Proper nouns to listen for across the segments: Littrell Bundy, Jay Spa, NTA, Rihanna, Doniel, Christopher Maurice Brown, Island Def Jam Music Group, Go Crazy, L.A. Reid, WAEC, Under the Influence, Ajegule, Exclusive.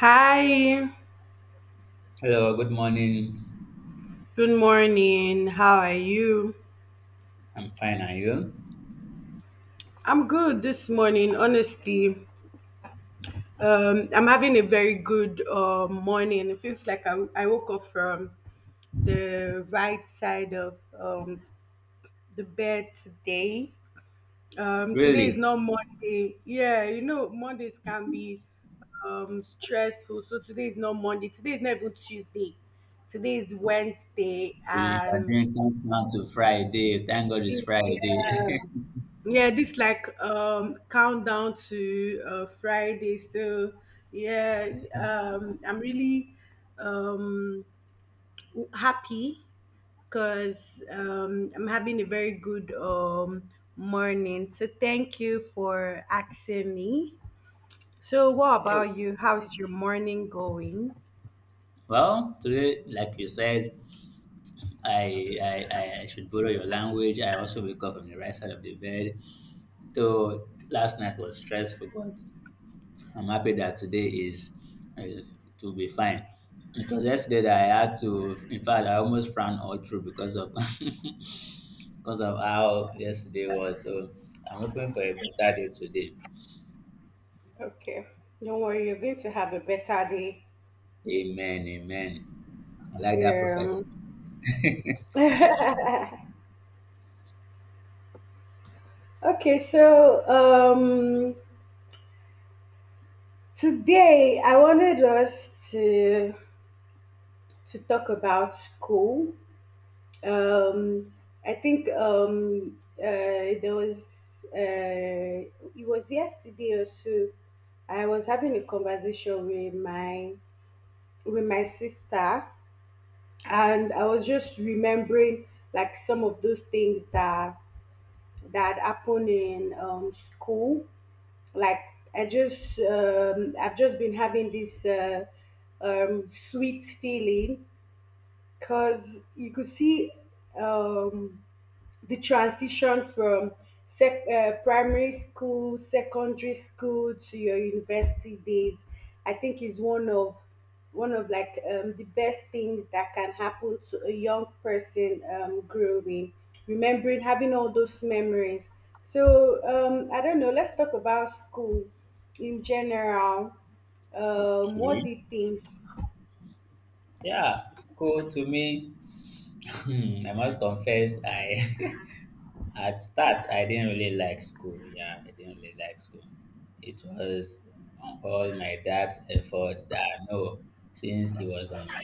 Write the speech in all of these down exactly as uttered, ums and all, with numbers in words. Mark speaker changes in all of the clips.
Speaker 1: Hi,
Speaker 2: Hello, good morning.
Speaker 1: good morning. How are you?
Speaker 2: I'm fine, are you?
Speaker 1: I'm good this morning, honestly. Um, I'm having a very good uh, morning. It feels like I, I woke up from the right side of um, the bed today. Um, today is
Speaker 2: Really?
Speaker 1: not Monday. Yeah, you know, Mondays can be um, stressful. So today is not Monday. Today is not even Tuesday. Today is Wednesday.
Speaker 2: You are
Speaker 1: And
Speaker 2: doing countdown to Friday. Thank God it's Friday.
Speaker 1: yeah. Yeah, this like um countdown to uh, Friday, so yeah. Um i'm really um happy because um i'm having a very good um morning, so thank you for asking me. So what
Speaker 2: Hey.
Speaker 1: about you, how's your morning going?
Speaker 2: well, today, like you said, I, I I I should borrow your language. I also wake up from the right side of the bed. Though last night was stressful, but I'm happy that today is is to be fine. It was yesterday that I had to. In fact, I almost ran all through because of because of how yesterday was. So I'm hoping for a better day today.
Speaker 1: Okay, don't worry, you're going to have a better day.
Speaker 2: Amen. Amen. I like that prophet.
Speaker 1: Yeah. Okay, so um today, I wanted us to to talk about school. Um, I think um, uh, there was uh, it was yesterday or so. I was having a conversation with my with my sister, and I was just remembering like some of those things that that happened in um, school, like I just um i've just been having this uh, um sweet feeling, because you could see um the transition from sec- uh, primary school, secondary school to your university days. I think is one of one of like um, the best things that can happen to a young person um, growing, remembering having all those memories. So um, I don't know. Let's talk about school in general. Um, what
Speaker 2: Okay.
Speaker 1: do you think?
Speaker 2: Yeah, school to me, hmm, I must confess, I at start I didn't really like school. Yeah, I didn't really like school. It was all my dad's effort that I know since he was on my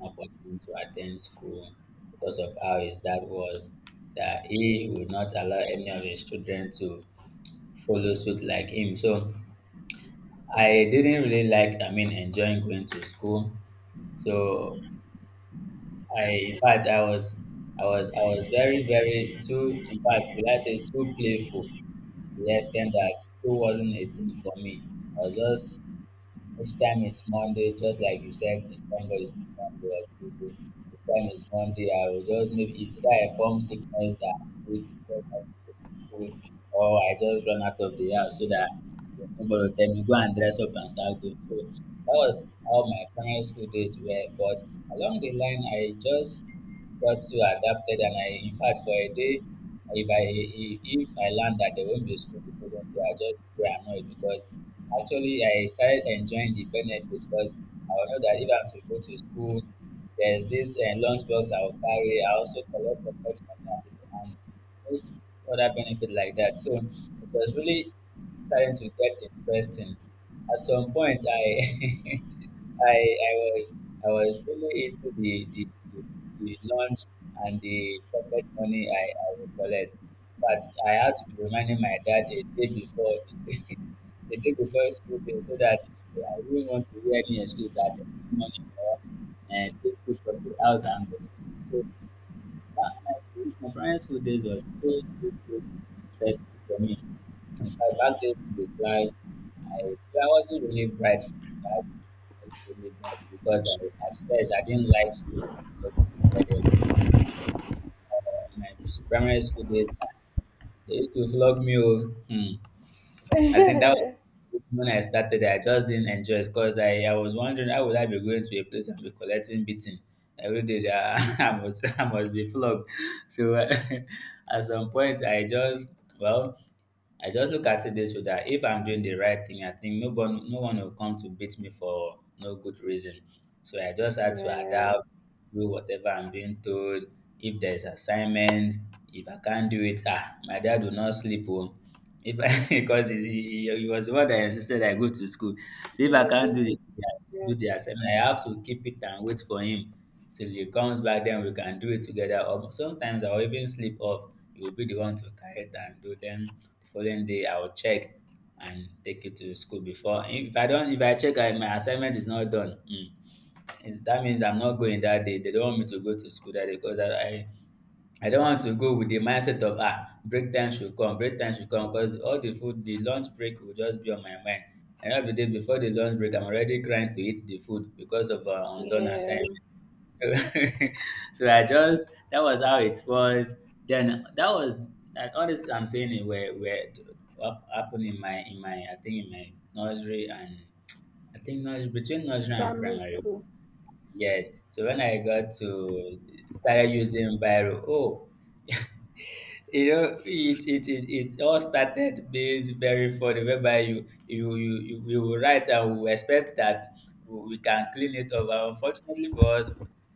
Speaker 2: opportunity to attend school because of how his dad was, that he would not allow any of his children to follow suit like him. So I didn't really like, I mean, enjoying going to school. So I, in fact, I was, I was, I was very, very too. In fact, will I say too playful? To the extent that school wasn't a thing for me. I was just Each time it's Monday, just like you said, the thank God it's not Monday or Tuesday. Each time it's Monday, I will just maybe it's either a form sickness that I'm sick, just not to go to school, or I just run out of the house so that nobody will tell me go and dress up and start going. So that was how my primary school days were. But along the line, I just got so adapted, and I in fact for a day if I if if I learn that there won't be school the following day, I just be annoyed because actually I started enjoying the benefits, because I will know that if I'm to go to school, there's this uh, lunchbox I'll carry. I also collect pocket money and, and most other benefit like that. So it was really starting to get interesting. At some point, I I I was I was really into the the, the, the lunch and the pocket money I, I would collect. But I had to be reminding my dad a day before the, the day before school day, so that I wouldn't want to hear any excuse that there's no money or uh, take food from the house and go to school. So uh, my school, my primary school days were so, so, so interesting for me. In fact, that days in the class, I, I wasn't really bright from the start. I wasn't really bright because I, at first I didn't like school. Just like I said, it. Uh, my primary school days, uh, they used to flog me. Oh. Hmm. I think that was when I started. I just didn't enjoy it because I, I was wondering how would I be going to a place and be collecting beating every day. That I must I must be flogged. So at some point, I just well I just look at it this way, that if I'm doing the right thing, I think no one no one will come to beat me for no good reason. So I just had to
Speaker 1: Yeah, you
Speaker 2: adapt, do whatever I'm being told. If there's assignment, if I can't do it, ah, my dad will not sleep. Oh. If I because he he he was the one that insisted I go to school. So if I can't
Speaker 1: go
Speaker 2: do the
Speaker 1: to, yeah,
Speaker 2: do the assignment, I have to keep it and wait for him till he comes back. Then we can do it together. Or sometimes I'll even sleep off. He will be the one to carry it and do. Then the following day I'll check and take it to school before. If I don't, if I check and my assignment is not done, mm, that means I'm not going that day. They don't want me to go to school that day because I, I I don't want to go with the mindset of ah break time should come, break time should come, because all the food, the lunch break will just be on my mind. And every day before the lunch break, I'm already crying to eat the food because of uh, undone
Speaker 1: yeah,
Speaker 2: assignment. So, so I just that was how it was. Then that was and all this I'm saying it were were up, happened in my in my I think in my nursery and I think nursery between nursery and
Speaker 1: primary
Speaker 2: primary.
Speaker 1: school.
Speaker 2: Yes. So when I got to started using Biro, oh. You know it it it, it all started being very funny, whereby you you you, you we will write and we will expect that we we can clean it up, but unfortunately for us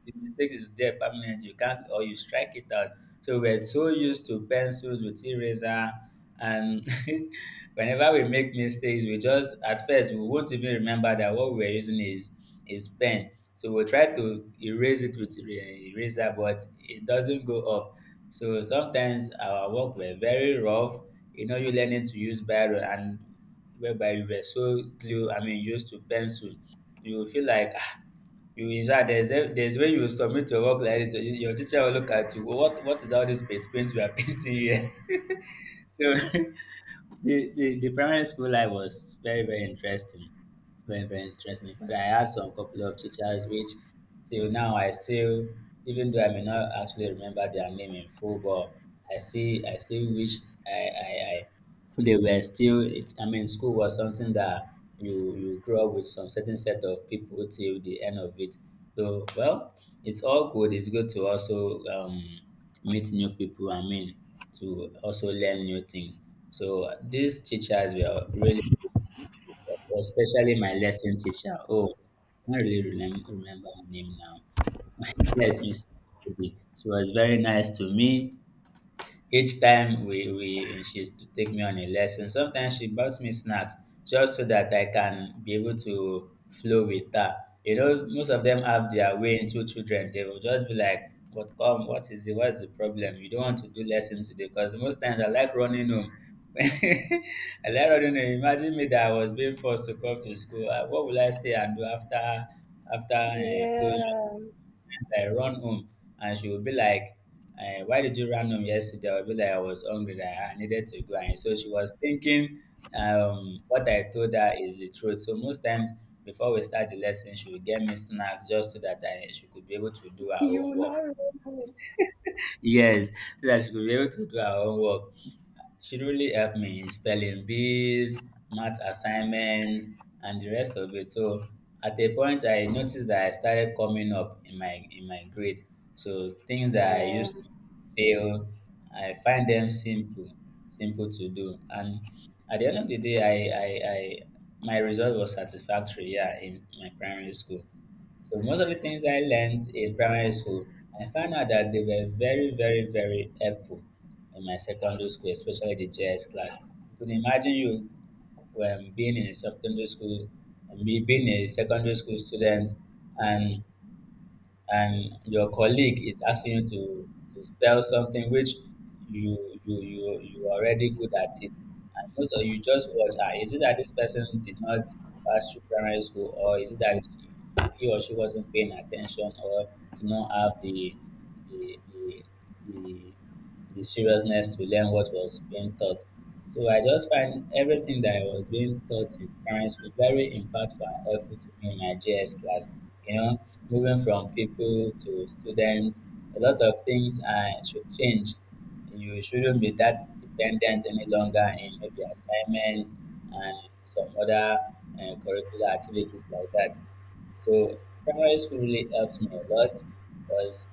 Speaker 2: the mistake is there permanent, you can't, or you strike it out. So we're so used to pencils with eraser, and whenever we make mistakes we just at first we won't even remember that what we are using is is pen. So we'll try to erase it with er- eraser, but it doesn't go up. So sometimes our work were very rough, you know, you learning to use barrel, and whereby you were so glue, I mean, used to pencil. You will feel like ah, you in fact there's a, there's when you submit your work like this, your your teacher will look at you. What what is all this paint paint we are painting here? So the, the, the primary school life was very, very interesting. Very, very interesting. In fact, I had some couple of teachers which till now I still, even though I may not actually remember their name in full, but I still, I still wish I, I, I they were still, it, I mean, school was something that you, you grow up with some certain set of people till the end of it. Though, well, it's all good. It's good to also um, meet new people, I mean to also learn new things. So these teachers were really especially my lesson teacher. Oh, I can't really remem- remember her name now. Yes, Miss Obi. She was very nice to me. Each time we, we she used to take me on a lesson. Sometimes she bought me snacks just so that I can be able to flow with her. You know, most of them have their way into children. They will just be like, "What come? What is it? What's the problem? You don't want to do lesson today?" Because most times I like running home. I like running home. Imagine me that I was being forced to come to school. Uh, What will I stay and do after after uh, closure?
Speaker 1: Yeah,
Speaker 2: I run home, and she would be like, eh, why did you run home yesterday? I'll be like, I was hungry, that I needed to go. And so she was thinking um, what I told her is the truth. So most times before we start the lesson, she would get me snacks, just so that I, she could be able to do her own
Speaker 1: you
Speaker 2: work.
Speaker 1: know.
Speaker 2: Yes, so that she could be able to do her own work. She really helped me in spelling bees, math assignments, and the rest of it. So at a point, I noticed that I started coming up in my in my grade. So things that I
Speaker 1: Yeah,
Speaker 2: used to fail, I find them simple, simple to do. And at the end of the day, I I, I my result was satisfactory. Yeah, in my primary school. So most of the things I learned in primary school, I found out that they were very, very, very helpful in my secondary school, especially the J S class. You could imagine you um, being in a secondary school, and me being a secondary school student, and and your colleague is asking you to, to spell something which you you you you are already good at it, and most of you just watch. Ah, is it that this person did not pass through primary school, or is it that he or she wasn't paying attention, or did not have the the the, the the seriousness to learn what was being taught. So I just find everything that was being taught in primary school very impactful and helpful to me in my G S class. You know, moving from people to students, a lot of things uh, should change. You shouldn't be that dependent any longer in maybe assignments and some other uh, curricular activities like that. So primary school really helped me a lot because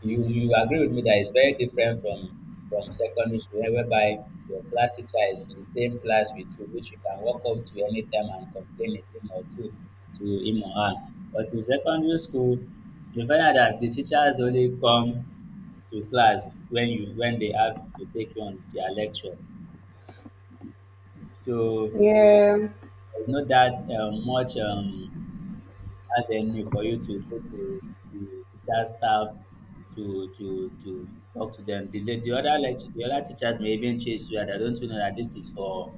Speaker 2: you you agree with me that it's very different from from secondary school whereby your class teacher is in the same class with you which you can walk up to anytime and complain a thing or two to him or her, but in secondary school you find out that the teachers only come to class when you when they have to take you on their lecture. So
Speaker 1: yeah.
Speaker 2: there's not that um, much um, avenue for you to go to the teacher staff to to to talk to them. The, la- the other lect the other teachers may even chase you, and I don't know that this is for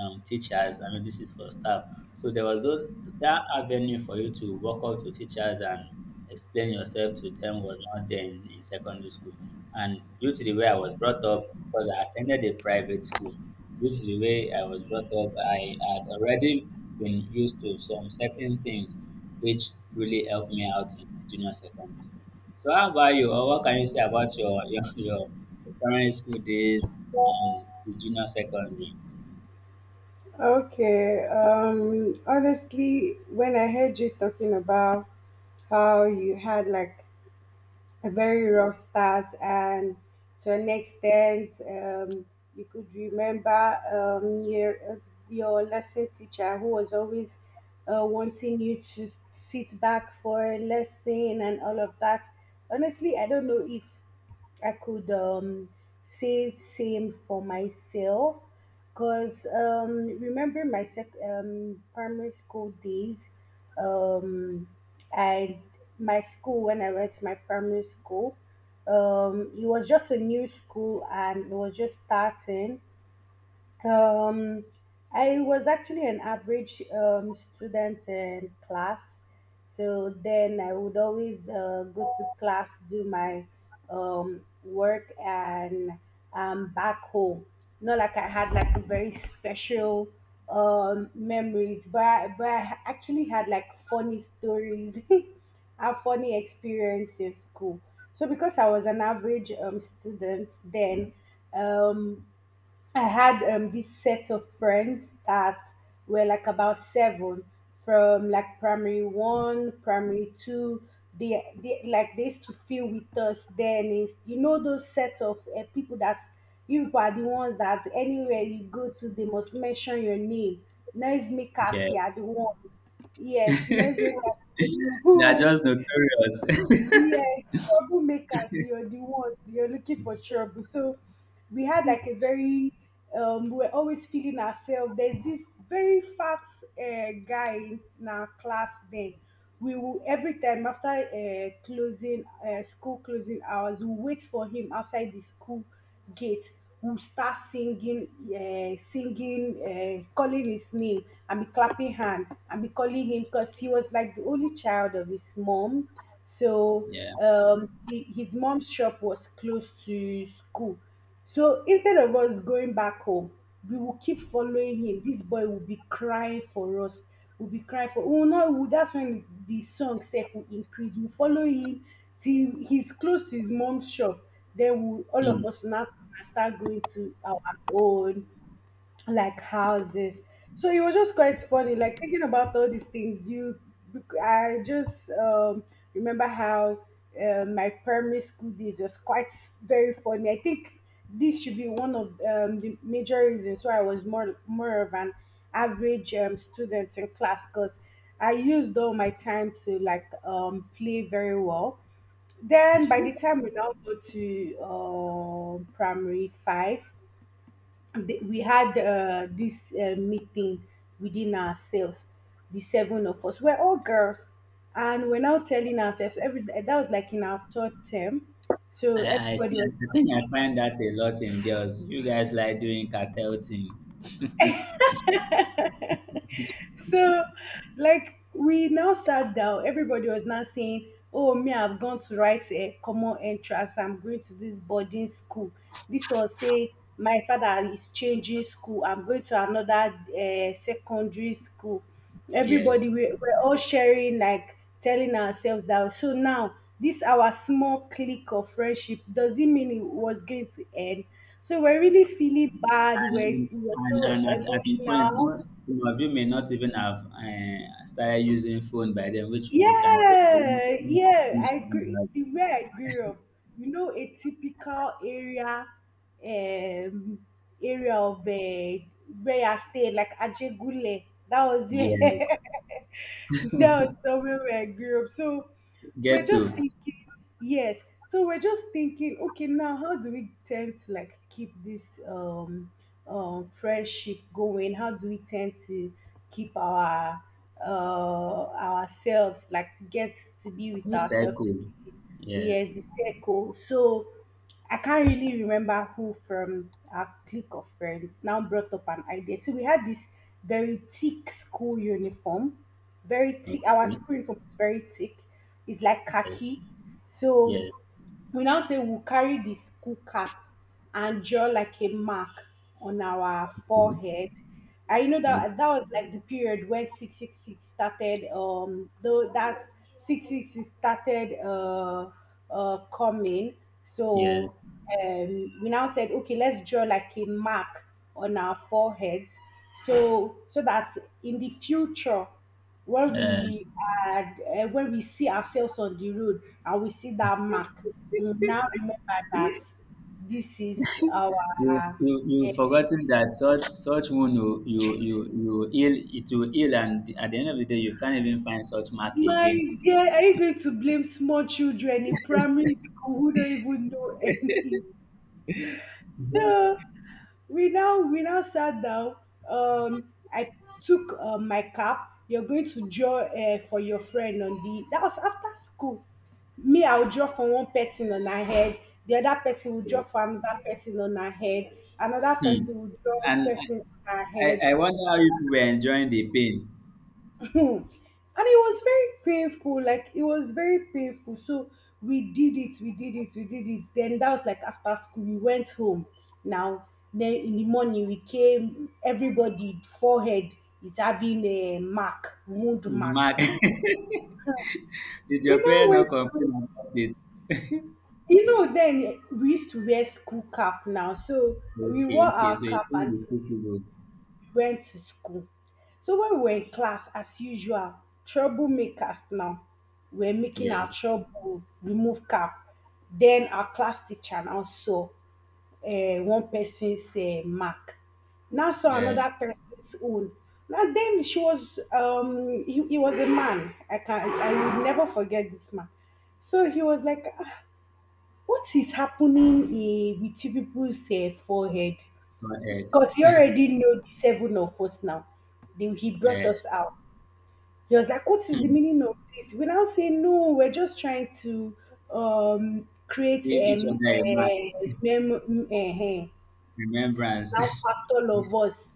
Speaker 2: um, teachers. I mean, this is for staff. So there was tho- that avenue for you to walk up to teachers and explain yourself to them was not there in, in secondary school. And due to the way I was brought up, because I attended a private school, due to the way I was brought up, I had already been used to some certain things which really helped me out in my junior secondary school. So how about you, or what can you say about your your, your primary school days and the junior secondary?
Speaker 1: Okay. Um, honestly, when I heard you talking about how you had like very rough start and to an extent um, you could remember um, your, your lesson teacher who was always uh, wanting you to sit back for a lesson and all of that, honestly I don't know if I could um, say same for myself, because um, remember my sec- um, primary school days. Um, and my school when I went to my primary school. Um, it was just a new school and it was just starting. Um, I was actually an average um, student in class. So then I would always uh, go to class, do my um, work, and um, back home. Not like I had like a very special um, memories, but I, but I actually had like funny stories a funny experience in school. So because I was an average um, student then, um I had um, this set of friends that were like about seven from like primary one, primary two. They, they like they used to feel with us then, is you know those set of uh, people that you people are the ones that anywhere you go to they must mention your name. Noisemakers, you are the
Speaker 2: Yes,
Speaker 1: one. Yes, noisemakers are the
Speaker 2: they are
Speaker 1: one.
Speaker 2: just notorious.
Speaker 1: Yeah, troublemakers, you're the ones, you're looking for trouble. So we had like a very, um, we we're always feeling ourselves. There's this very fat uh, guy in our class then. We will, every time after uh, closing, uh, school closing hours, we wait for him outside the school gate, would start singing, uh, singing, uh, calling his name, and be clapping hand and be calling him, because he was like the only child of his mom. So
Speaker 2: Yeah.
Speaker 1: um, he, his mom's shop was close to school, so instead of us going back home, we will keep following him. This boy will be crying for us. Will be crying for. Oh no! Will, that's when the song self will increase. We will follow him till he's close to his mom's shop. Then we will all
Speaker 2: Hmm.
Speaker 1: of us now start going to our own like houses. So it was just quite funny, like thinking about all these things. You, I just um, remember how uh, my primary school days was quite very funny. I think this should be one of um, the major reasons why I was more more of an average um, student in class, because I used all my time to like um, play very well. Then by the time we now go to um, primary five, the- we had uh, this uh, meeting within ourselves, the seven of us. We're all girls, and we're now telling ourselves every, that was like in our third term, so
Speaker 2: I, I see.
Speaker 1: everybody was.
Speaker 2: I think I find that a lot in girls. You guys like doing cartel thing.
Speaker 1: So like we now sat down, everybody was now saying, oh me, I've gone to write a common entrance, I'm going to this boarding school. This one say my father is changing school, I'm going to another uh, secondary school. Everybody,
Speaker 2: Yes,
Speaker 1: we, we're all sharing like telling ourselves that. So now this our small clique of friendship, does it mean it was going to end? So we're really feeling bad, we're,
Speaker 2: and
Speaker 1: we're
Speaker 2: and,
Speaker 1: so
Speaker 2: and at, at the point,
Speaker 1: emotional.
Speaker 2: mo- some of you may not even have uh, started using phone by then, which you can say.
Speaker 1: Yeah, yeah, I grew the way I grew up, you know, a typical area, um, area of uh, where I stayed, like Ajegule. That was
Speaker 2: Yes,
Speaker 1: where that was somewhere where I grew up. So we're
Speaker 2: ghetto,
Speaker 1: just thinking, yes. So we're just thinking, okay, now how do we tend to like keep this um um friendship going? How do we tend to keep our uh ourselves like get to be with ourselves?
Speaker 2: circle. Yes.
Speaker 1: Yes, the circle. So I can't really remember who from our clique of friends now brought up an idea. So we had this very thick school uniform, very thick. Our
Speaker 2: Okay.
Speaker 1: school uniform is very thick. It's like
Speaker 2: Yes.
Speaker 1: khaki. So
Speaker 2: Yes.
Speaker 1: we now say we'll carry the school cap and draw like a mark on our
Speaker 2: Okay.
Speaker 1: forehead. I know
Speaker 2: Okay.
Speaker 1: that that was like the period when six six six started, um, though that six six six started uh, uh, coming. So
Speaker 2: Yes.
Speaker 1: um, we now said, okay, let's draw like a mark on our foreheads so so that in the future where
Speaker 2: Uh,
Speaker 1: we are uh, where we see ourselves on the road and we see that mark, we now remember that this is our
Speaker 2: You
Speaker 1: hair.
Speaker 2: you you forgotten that such such wound will- you you you will heal, it will heal, and at the end of the day you can't even find such mark
Speaker 1: My
Speaker 2: again.
Speaker 1: dear, are you going to blame small children in primary school who don't even know anything? So we now we now sat down. Um, I took uh, my cap. You're going to draw uh, for your friend on the. That was after school. Me, I'll draw for one person on her head. The other person will draw for another person on her head. Another
Speaker 2: Hmm.
Speaker 1: person will draw a
Speaker 2: And
Speaker 1: person
Speaker 2: I,
Speaker 1: on her
Speaker 2: I
Speaker 1: head.
Speaker 2: I wonder how you were enjoying the pain.
Speaker 1: Hmm. And it was very painful, like it was very painful. So we did it, we did it, we did it. Then that was like after school, we went home. Now, then in the morning we came, everybody forehead is having a mark, wound
Speaker 2: It's
Speaker 1: mark.
Speaker 2: mark. Did
Speaker 1: We
Speaker 2: your
Speaker 1: now
Speaker 2: parents not
Speaker 1: went to,
Speaker 2: complain about it?
Speaker 1: you know, then we used to wear school cap now. So we
Speaker 2: Okay,
Speaker 1: wore
Speaker 2: okay.
Speaker 1: our
Speaker 2: So it
Speaker 1: cap
Speaker 2: will
Speaker 1: and
Speaker 2: be possible.
Speaker 1: went to school. So when we were in class, as usual, troublemakers now were making our
Speaker 2: Yes.
Speaker 1: trouble, remove cap. Then our class teacher now saw uh, one person's uh, mark. Now saw
Speaker 2: Uh,
Speaker 1: another person's own. Now then she was um he, he was a man. I can, I will never forget this man. So he was like, "Ah, what is happening, eh, with you people's uh, forehead?"
Speaker 2: go ahead.
Speaker 1: Because he already know the seven of us now. They, he brought
Speaker 2: Uh,
Speaker 1: us out. He was like, "What is the
Speaker 2: hmm.
Speaker 1: meaning of this?" We now say, "No, we're just trying to um, create
Speaker 2: Give each
Speaker 1: um,
Speaker 2: other a mark.
Speaker 1: a mem- mm, eh, eh." Now
Speaker 2: Remembrance.
Speaker 1: packed all of us,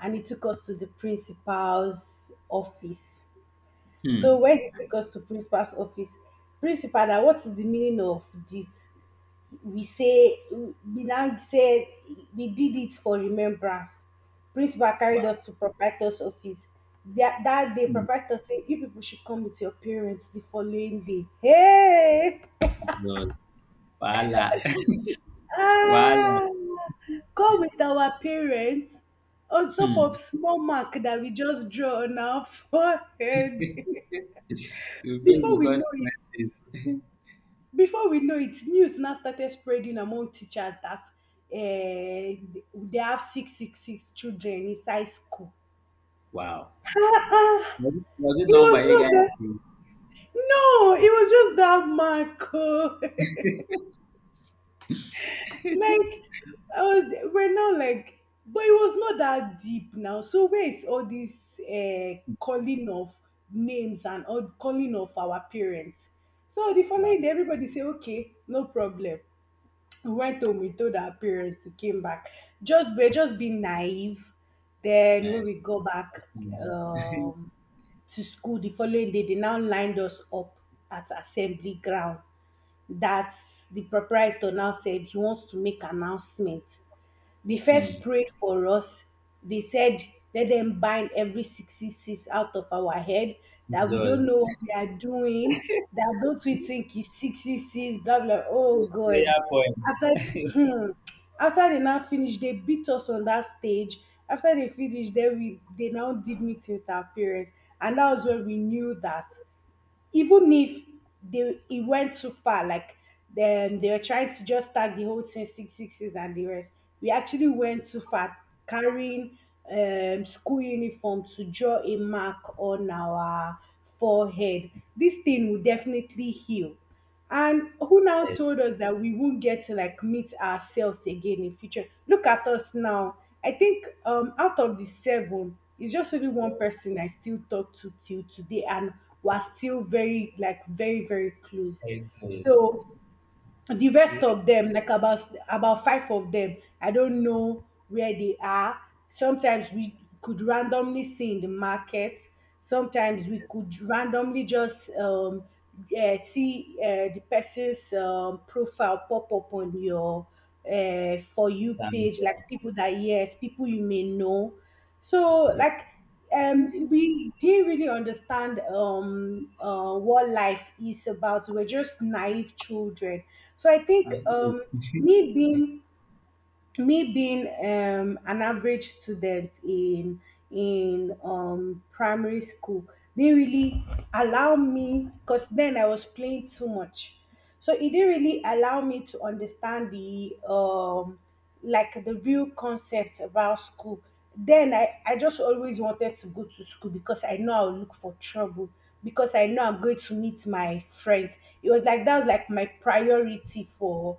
Speaker 1: and he took us to the principal's office.
Speaker 2: hmm.
Speaker 1: So when he took us to principal's office, principal, now what is the meaning of this? We say, we now say we did it for remembrance. Principal
Speaker 2: Wow.
Speaker 1: carried us to proprietor's office. That, that day,
Speaker 2: Hmm.
Speaker 1: proprietor said, you people should come with your parents the following day. Hey!
Speaker 2: Jesus. Wahala. Wahala.
Speaker 1: Ah! Come with our parents on top
Speaker 2: Hmm.
Speaker 1: of small mark that we just draw on our forehead.
Speaker 2: You face
Speaker 1: Before
Speaker 2: the
Speaker 1: we know it,
Speaker 2: consequences.
Speaker 1: before we know it, news now started spreading among teachers that uh, they have six six six children inside school.
Speaker 2: Wow.
Speaker 1: Ah,
Speaker 2: Was it, was it
Speaker 1: it
Speaker 2: known
Speaker 1: was
Speaker 2: by you
Speaker 1: not that.
Speaker 2: guys?
Speaker 1: No, it was just that Marco. Like I was, we're not like, but it was not that deep now. So where is all this uh, calling of names and all calling of our parents? So the
Speaker 2: Wow.
Speaker 1: following day, everybody say, okay, no problem. We went home, we told our parents, we came back, just we're just being naive. Then
Speaker 2: Eh,
Speaker 1: when we go
Speaker 2: that's-
Speaker 1: back um to school the following day, they now lined us up at assembly ground. That's the proprietor now said he wants to make announcement. They
Speaker 2: hmm.
Speaker 1: first prayed for us. They said, let them bind every six six out of our head, that we don't
Speaker 2: Jesus.
Speaker 1: know what we are doing, that those we think is six six, blah, blah. Oh, God.
Speaker 2: Prayer point.
Speaker 1: After, hmm, after they now finished, they beat us on that stage. After they finished, then we, they now did me with our parents. And that was when we knew that even if they it went too far, like then they were trying to just tag the whole thing six six six and the rest. We actually went too far, carrying um, school uniform to draw a mark on our forehead. This thing will definitely heal. And who now
Speaker 2: Yes.
Speaker 1: told us that we won't get to like meet ourselves again in future? Look at us now. I think um out of the seven, it's just only one
Speaker 2: Yes.
Speaker 1: person I still talk to till today, and we're still very like very very close.
Speaker 2: Very close.
Speaker 1: So the
Speaker 2: You
Speaker 1: rest of them like about about five of them, I don't know where they are. Sometimes we could randomly see in the market.
Speaker 2: you
Speaker 1: Sometimes we could randomly just um uh, see uh, the person's um, profile pop up on your uh, for you
Speaker 2: stand
Speaker 1: page, like
Speaker 2: there.
Speaker 1: people that, yes, people you may know. So
Speaker 2: Yeah.
Speaker 1: like um we didn't really understand um uh, what life is about. We're just naive children. So I think
Speaker 2: Thank
Speaker 1: um
Speaker 2: you.
Speaker 1: me being me being um, an average student in in um, primary school didn't really allow me because then I was playing too much, so it didn't really allow me to understand the um, like the real concept about school. Then I, I just always wanted to go to school because I know I'll look for trouble because I know I'm going to meet my friends. It was like that was like my priority for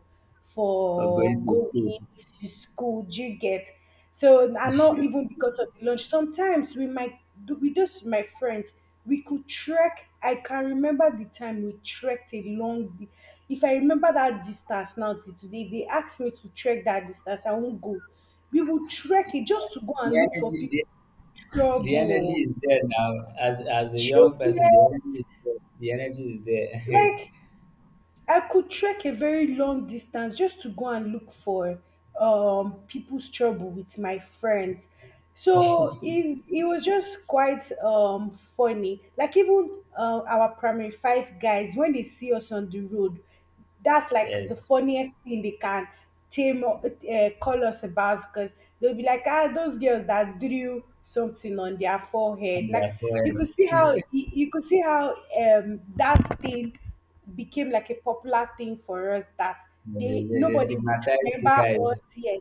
Speaker 2: For going
Speaker 1: for
Speaker 2: to
Speaker 1: going
Speaker 2: school.
Speaker 1: to school. Do you get? So and not even because of the lunch. Sometimes we might do with just my friends, we could trek. I can remember the time we trekked a long di- if I remember that distance now till today, if they asked me to trek that distance, I won't go. We will trek it just to go
Speaker 2: The
Speaker 1: and look for
Speaker 2: energy,
Speaker 1: people
Speaker 2: the, the energy
Speaker 1: trouble.
Speaker 2: is there now. As as a
Speaker 1: Do
Speaker 2: young
Speaker 1: you
Speaker 2: person, the energy
Speaker 1: get?
Speaker 2: is there. The energy is there.
Speaker 1: Like I could trek a very long distance just to go and look for um, people's trouble with my friends. So it, it was just quite um, funny. Like even uh, our primary five guys, when they see us on the road, that's like the
Speaker 2: Yes.
Speaker 1: funniest thing they can tame or, uh, call us about because they'll be like, ah, those girls that drew something on their forehead.
Speaker 2: On
Speaker 1: Like you
Speaker 2: their.
Speaker 1: could see how you, you could see how um that thing became like a popular thing for us that
Speaker 2: They,
Speaker 1: they
Speaker 2: they, they
Speaker 1: nobody would
Speaker 2: stigmatize you
Speaker 1: remember us,
Speaker 2: guys.
Speaker 1: yes,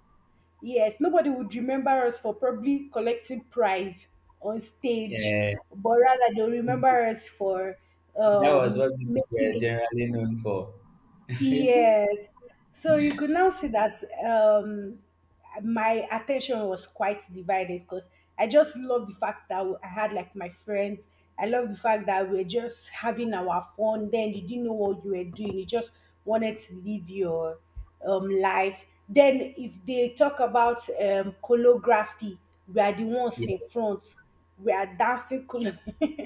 Speaker 1: yes, nobody would remember us for probably collecting prize on stage,
Speaker 2: Yeah,
Speaker 1: but rather they'll remember us for
Speaker 2: that was
Speaker 1: um
Speaker 2: what we
Speaker 1: making
Speaker 2: were
Speaker 1: a.
Speaker 2: generally known for.
Speaker 1: Yes. So you could now see that um, my attention was quite divided because I just love the fact that I had like my friends. I love the fact that we're just having our fun. Then you didn't know what you were doing. You just wanted to live your um, life. Then if they talk about um, choreography, we are the ones
Speaker 2: Yeah,
Speaker 1: in front. We are dancing. choreo-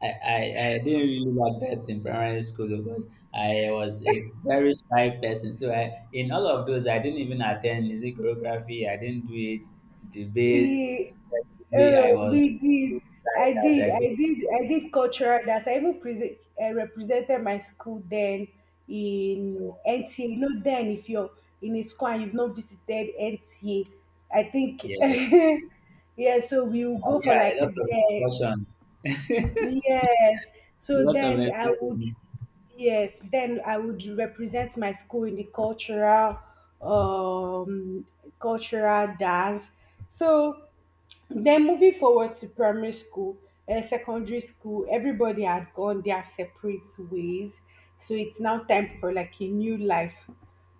Speaker 2: I, I, I didn't really like that in primary school because I was a very shy person. So I, in all of those, I didn't even attend music choreography. I didn't do it, debate,
Speaker 1: He,
Speaker 2: study. I
Speaker 1: oh,
Speaker 2: was
Speaker 1: we did.
Speaker 2: so
Speaker 1: I
Speaker 2: shy that
Speaker 1: did.
Speaker 2: I
Speaker 1: I
Speaker 2: couldn't.
Speaker 1: did. I did cultural dance. I even present, uh, represented my school then
Speaker 2: You
Speaker 1: in
Speaker 2: know,
Speaker 1: N T A. You know, then if you're in a school and you've not visited N T A, I think,
Speaker 2: yes.
Speaker 1: yeah. So we will
Speaker 2: Uh,
Speaker 1: go for
Speaker 2: yeah, a
Speaker 1: like
Speaker 2: lot of
Speaker 1: the.
Speaker 2: discussions,
Speaker 1: Yes.
Speaker 2: a
Speaker 1: So
Speaker 2: lot of
Speaker 1: then I would.
Speaker 2: discussions.
Speaker 1: Yes, then I would represent my school in the cultural um cultural dance. So then moving forward to primary school and secondary school, everybody had gone their separate ways. So it's now time for like a new life.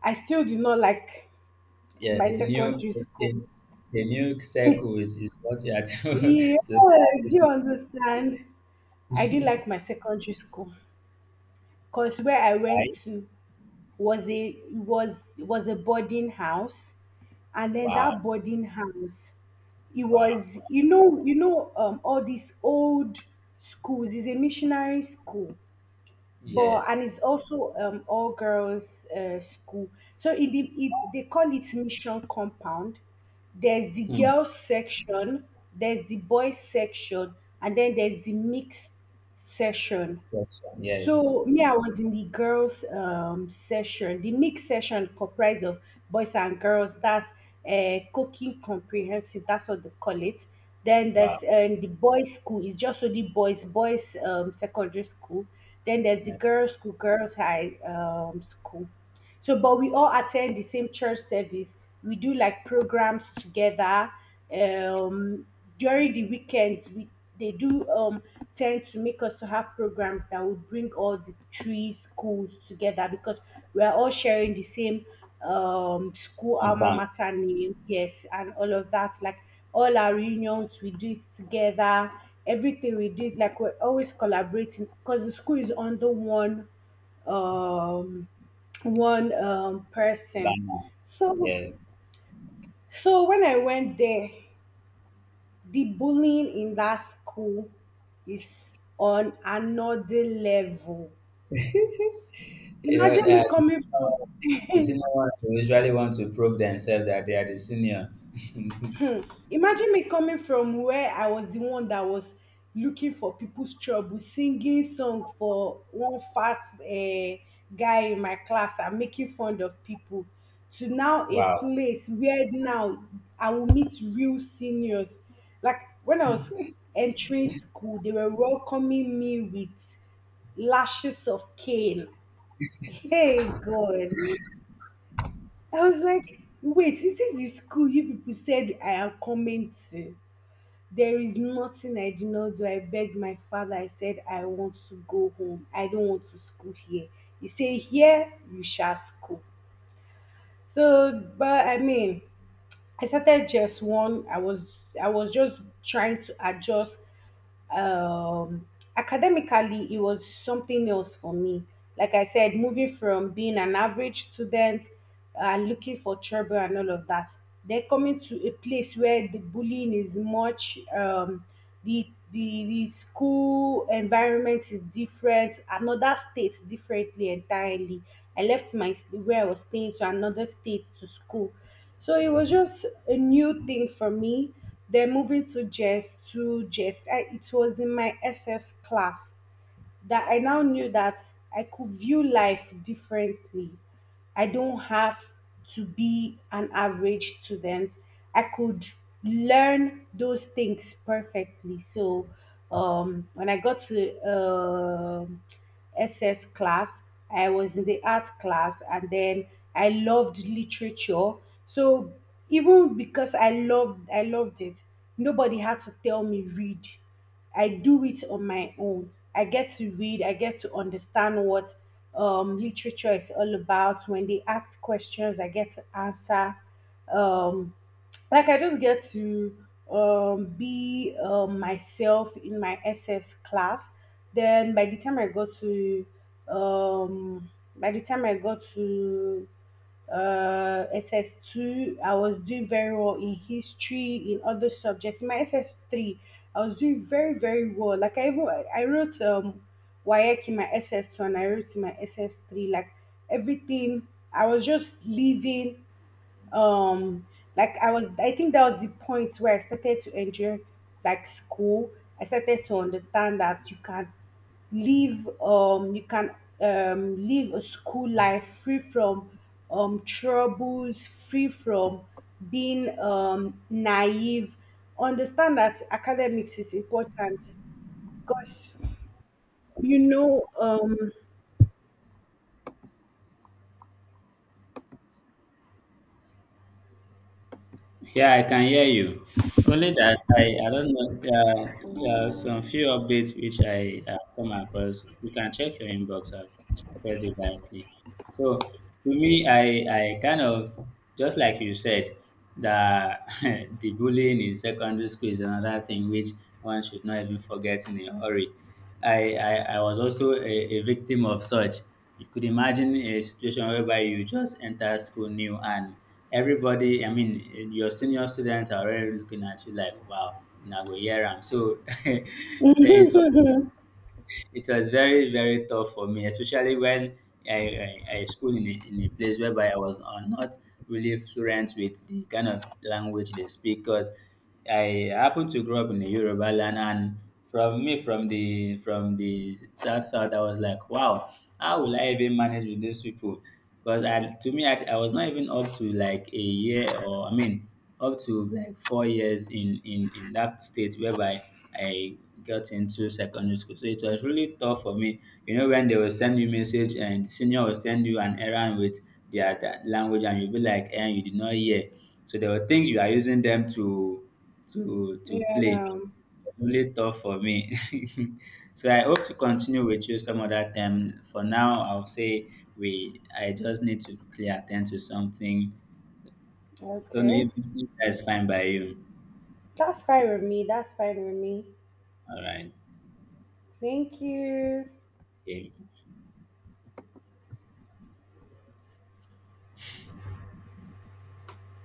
Speaker 1: I still do not like
Speaker 2: Yes,
Speaker 1: my
Speaker 2: a new.
Speaker 1: secondary school.
Speaker 2: a, a new circle is, is what you are to
Speaker 1: Yeah,
Speaker 2: to start
Speaker 1: do you
Speaker 2: with.
Speaker 1: understand? I didn't like my secondary school because where I went
Speaker 2: Right?
Speaker 1: to was a was was a boarding house, and then
Speaker 2: Wow.
Speaker 1: that boarding house, it was,
Speaker 2: Wow.
Speaker 1: you know you know um all these old schools. It's a missionary school, but
Speaker 2: Yes.
Speaker 1: and it's also um all girls uh, school. So it, it, it they call it mission compound. There's the
Speaker 2: Hmm.
Speaker 1: girls section, there's the boys section, and then there's the mixed section.
Speaker 2: Yes. Yes.
Speaker 1: So me, I was in the girls' um, session. The mixed session comprised of boys and girls. That's uh, cooking comprehensive. That's what they call it. Then there's
Speaker 2: Wow.
Speaker 1: um, the boys' school. It's just only boys. Boys um, secondary school. Then there's the
Speaker 2: Uh,
Speaker 1: girls' school. Girls' high um, school. So, but we all attend the same church service. We do like programs together. Um, during the weekends, we they do um tend to make us to have programs that would bring all the three schools together because we are all sharing the same um school alma
Speaker 2: Compound.
Speaker 1: mater name, yes, and all of that. Like all our reunions, we do it together. Everything we did, like we're always collaborating because the school is under one um one um person.
Speaker 2: Banner.
Speaker 1: so
Speaker 2: Yes.
Speaker 1: so when I went there, the bullying in that school is on another level.
Speaker 2: You know,
Speaker 1: Imagine me
Speaker 2: uh, the
Speaker 1: coming from
Speaker 2: senior, the senior ones will usually want to prove themselves that they are the senior.
Speaker 1: Imagine me coming from where I was the one that was looking for people's trouble, singing song for one fast uh, guy in my class and making fun of people, to now a
Speaker 2: Wow.
Speaker 1: place where now I will meet real seniors. Like when I was entering school, they were welcoming me with lashes of cane. Hey God. I was like, wait, is this the school you people said I am coming to? There is nothing I did not do. I begged my father. I said, I want to go home. I don't want to school here. He said, Here you shall school. So, but I mean, I started just one. I was I was just trying to adjust. Um, academically, it was something else for me. Like I said, moving from being an average student and looking for trouble and all of that, then coming to a place where the bullying is much. Um, the the, the school environment is different. Another state differently entirely. I left my where I was staying to another state to school, so it was just a new thing for me. Then moving to Jess to Jess, I, it was in my S S class that I now knew that I could view life differently. I don't have to be an average student. I could learn those things perfectly. So um, when I got to um S S class, I was in the art class, and then I loved literature. So even because I loved I loved it, nobody had to tell me read. I do it on my own. I get to read, I get to understand what um, literature is all about. When they ask questions, I get to answer. Um, like I just get to um, be um, myself in my S S class. Then by the time I go to um, by the time I go to uh, S S two, I was doing very well in history, in other subjects. In my S S three, I was doing very, very well. Like I even I wrote um WAEC in my S S two and I wrote in my S S three. Like everything, I was just living um like I was, I think that was the point where I started to enjoy like school. I started to understand that you can live um you can um live a school life free from um troubles, free from being um naive, understand that academics is important because you know um
Speaker 2: Yeah, I can hear you. Only that I, I don't know. Uh, there are some few updates which I have come across. You can check your inbox. I've checked it directly. So to me, I, I kind of, just like you said, that the bullying in secondary school is another thing which one should not even forget in a hurry. I, I, I was also a, a victim of such. You could imagine a situation whereby you just enter school new, and everybody, I mean, your senior students are already looking at you like, "Wow, now go hear 'em." So they, it it was very very tough for me, especially when I I, I school in a, in a place whereby I was uh, not really fluent with the kind of language they speak. Because I happened to grow up in the Yoruba land, and from me from the from the south south, I was like, wow, how will I even manage with these people? Because I, to me, I, I was not even up to like a year, or I mean up to like four years in in in that state whereby I got into secondary school. So it was really tough for me. You know, when they will send you message and the senior will send you an errand with their, their language, and you'll be like, and you did not hear. So they will think you are using them to to to play.
Speaker 1: yeah,
Speaker 2: Really tough for me. So I hope to continue with you some other time. For now, I'll say we I just need to quickly attend to something. I don't know
Speaker 1: okay,
Speaker 2: if, if that's fine by you.
Speaker 1: that's fine with me, that's fine with me.
Speaker 2: All right.
Speaker 1: Thank you.
Speaker 2: Okay.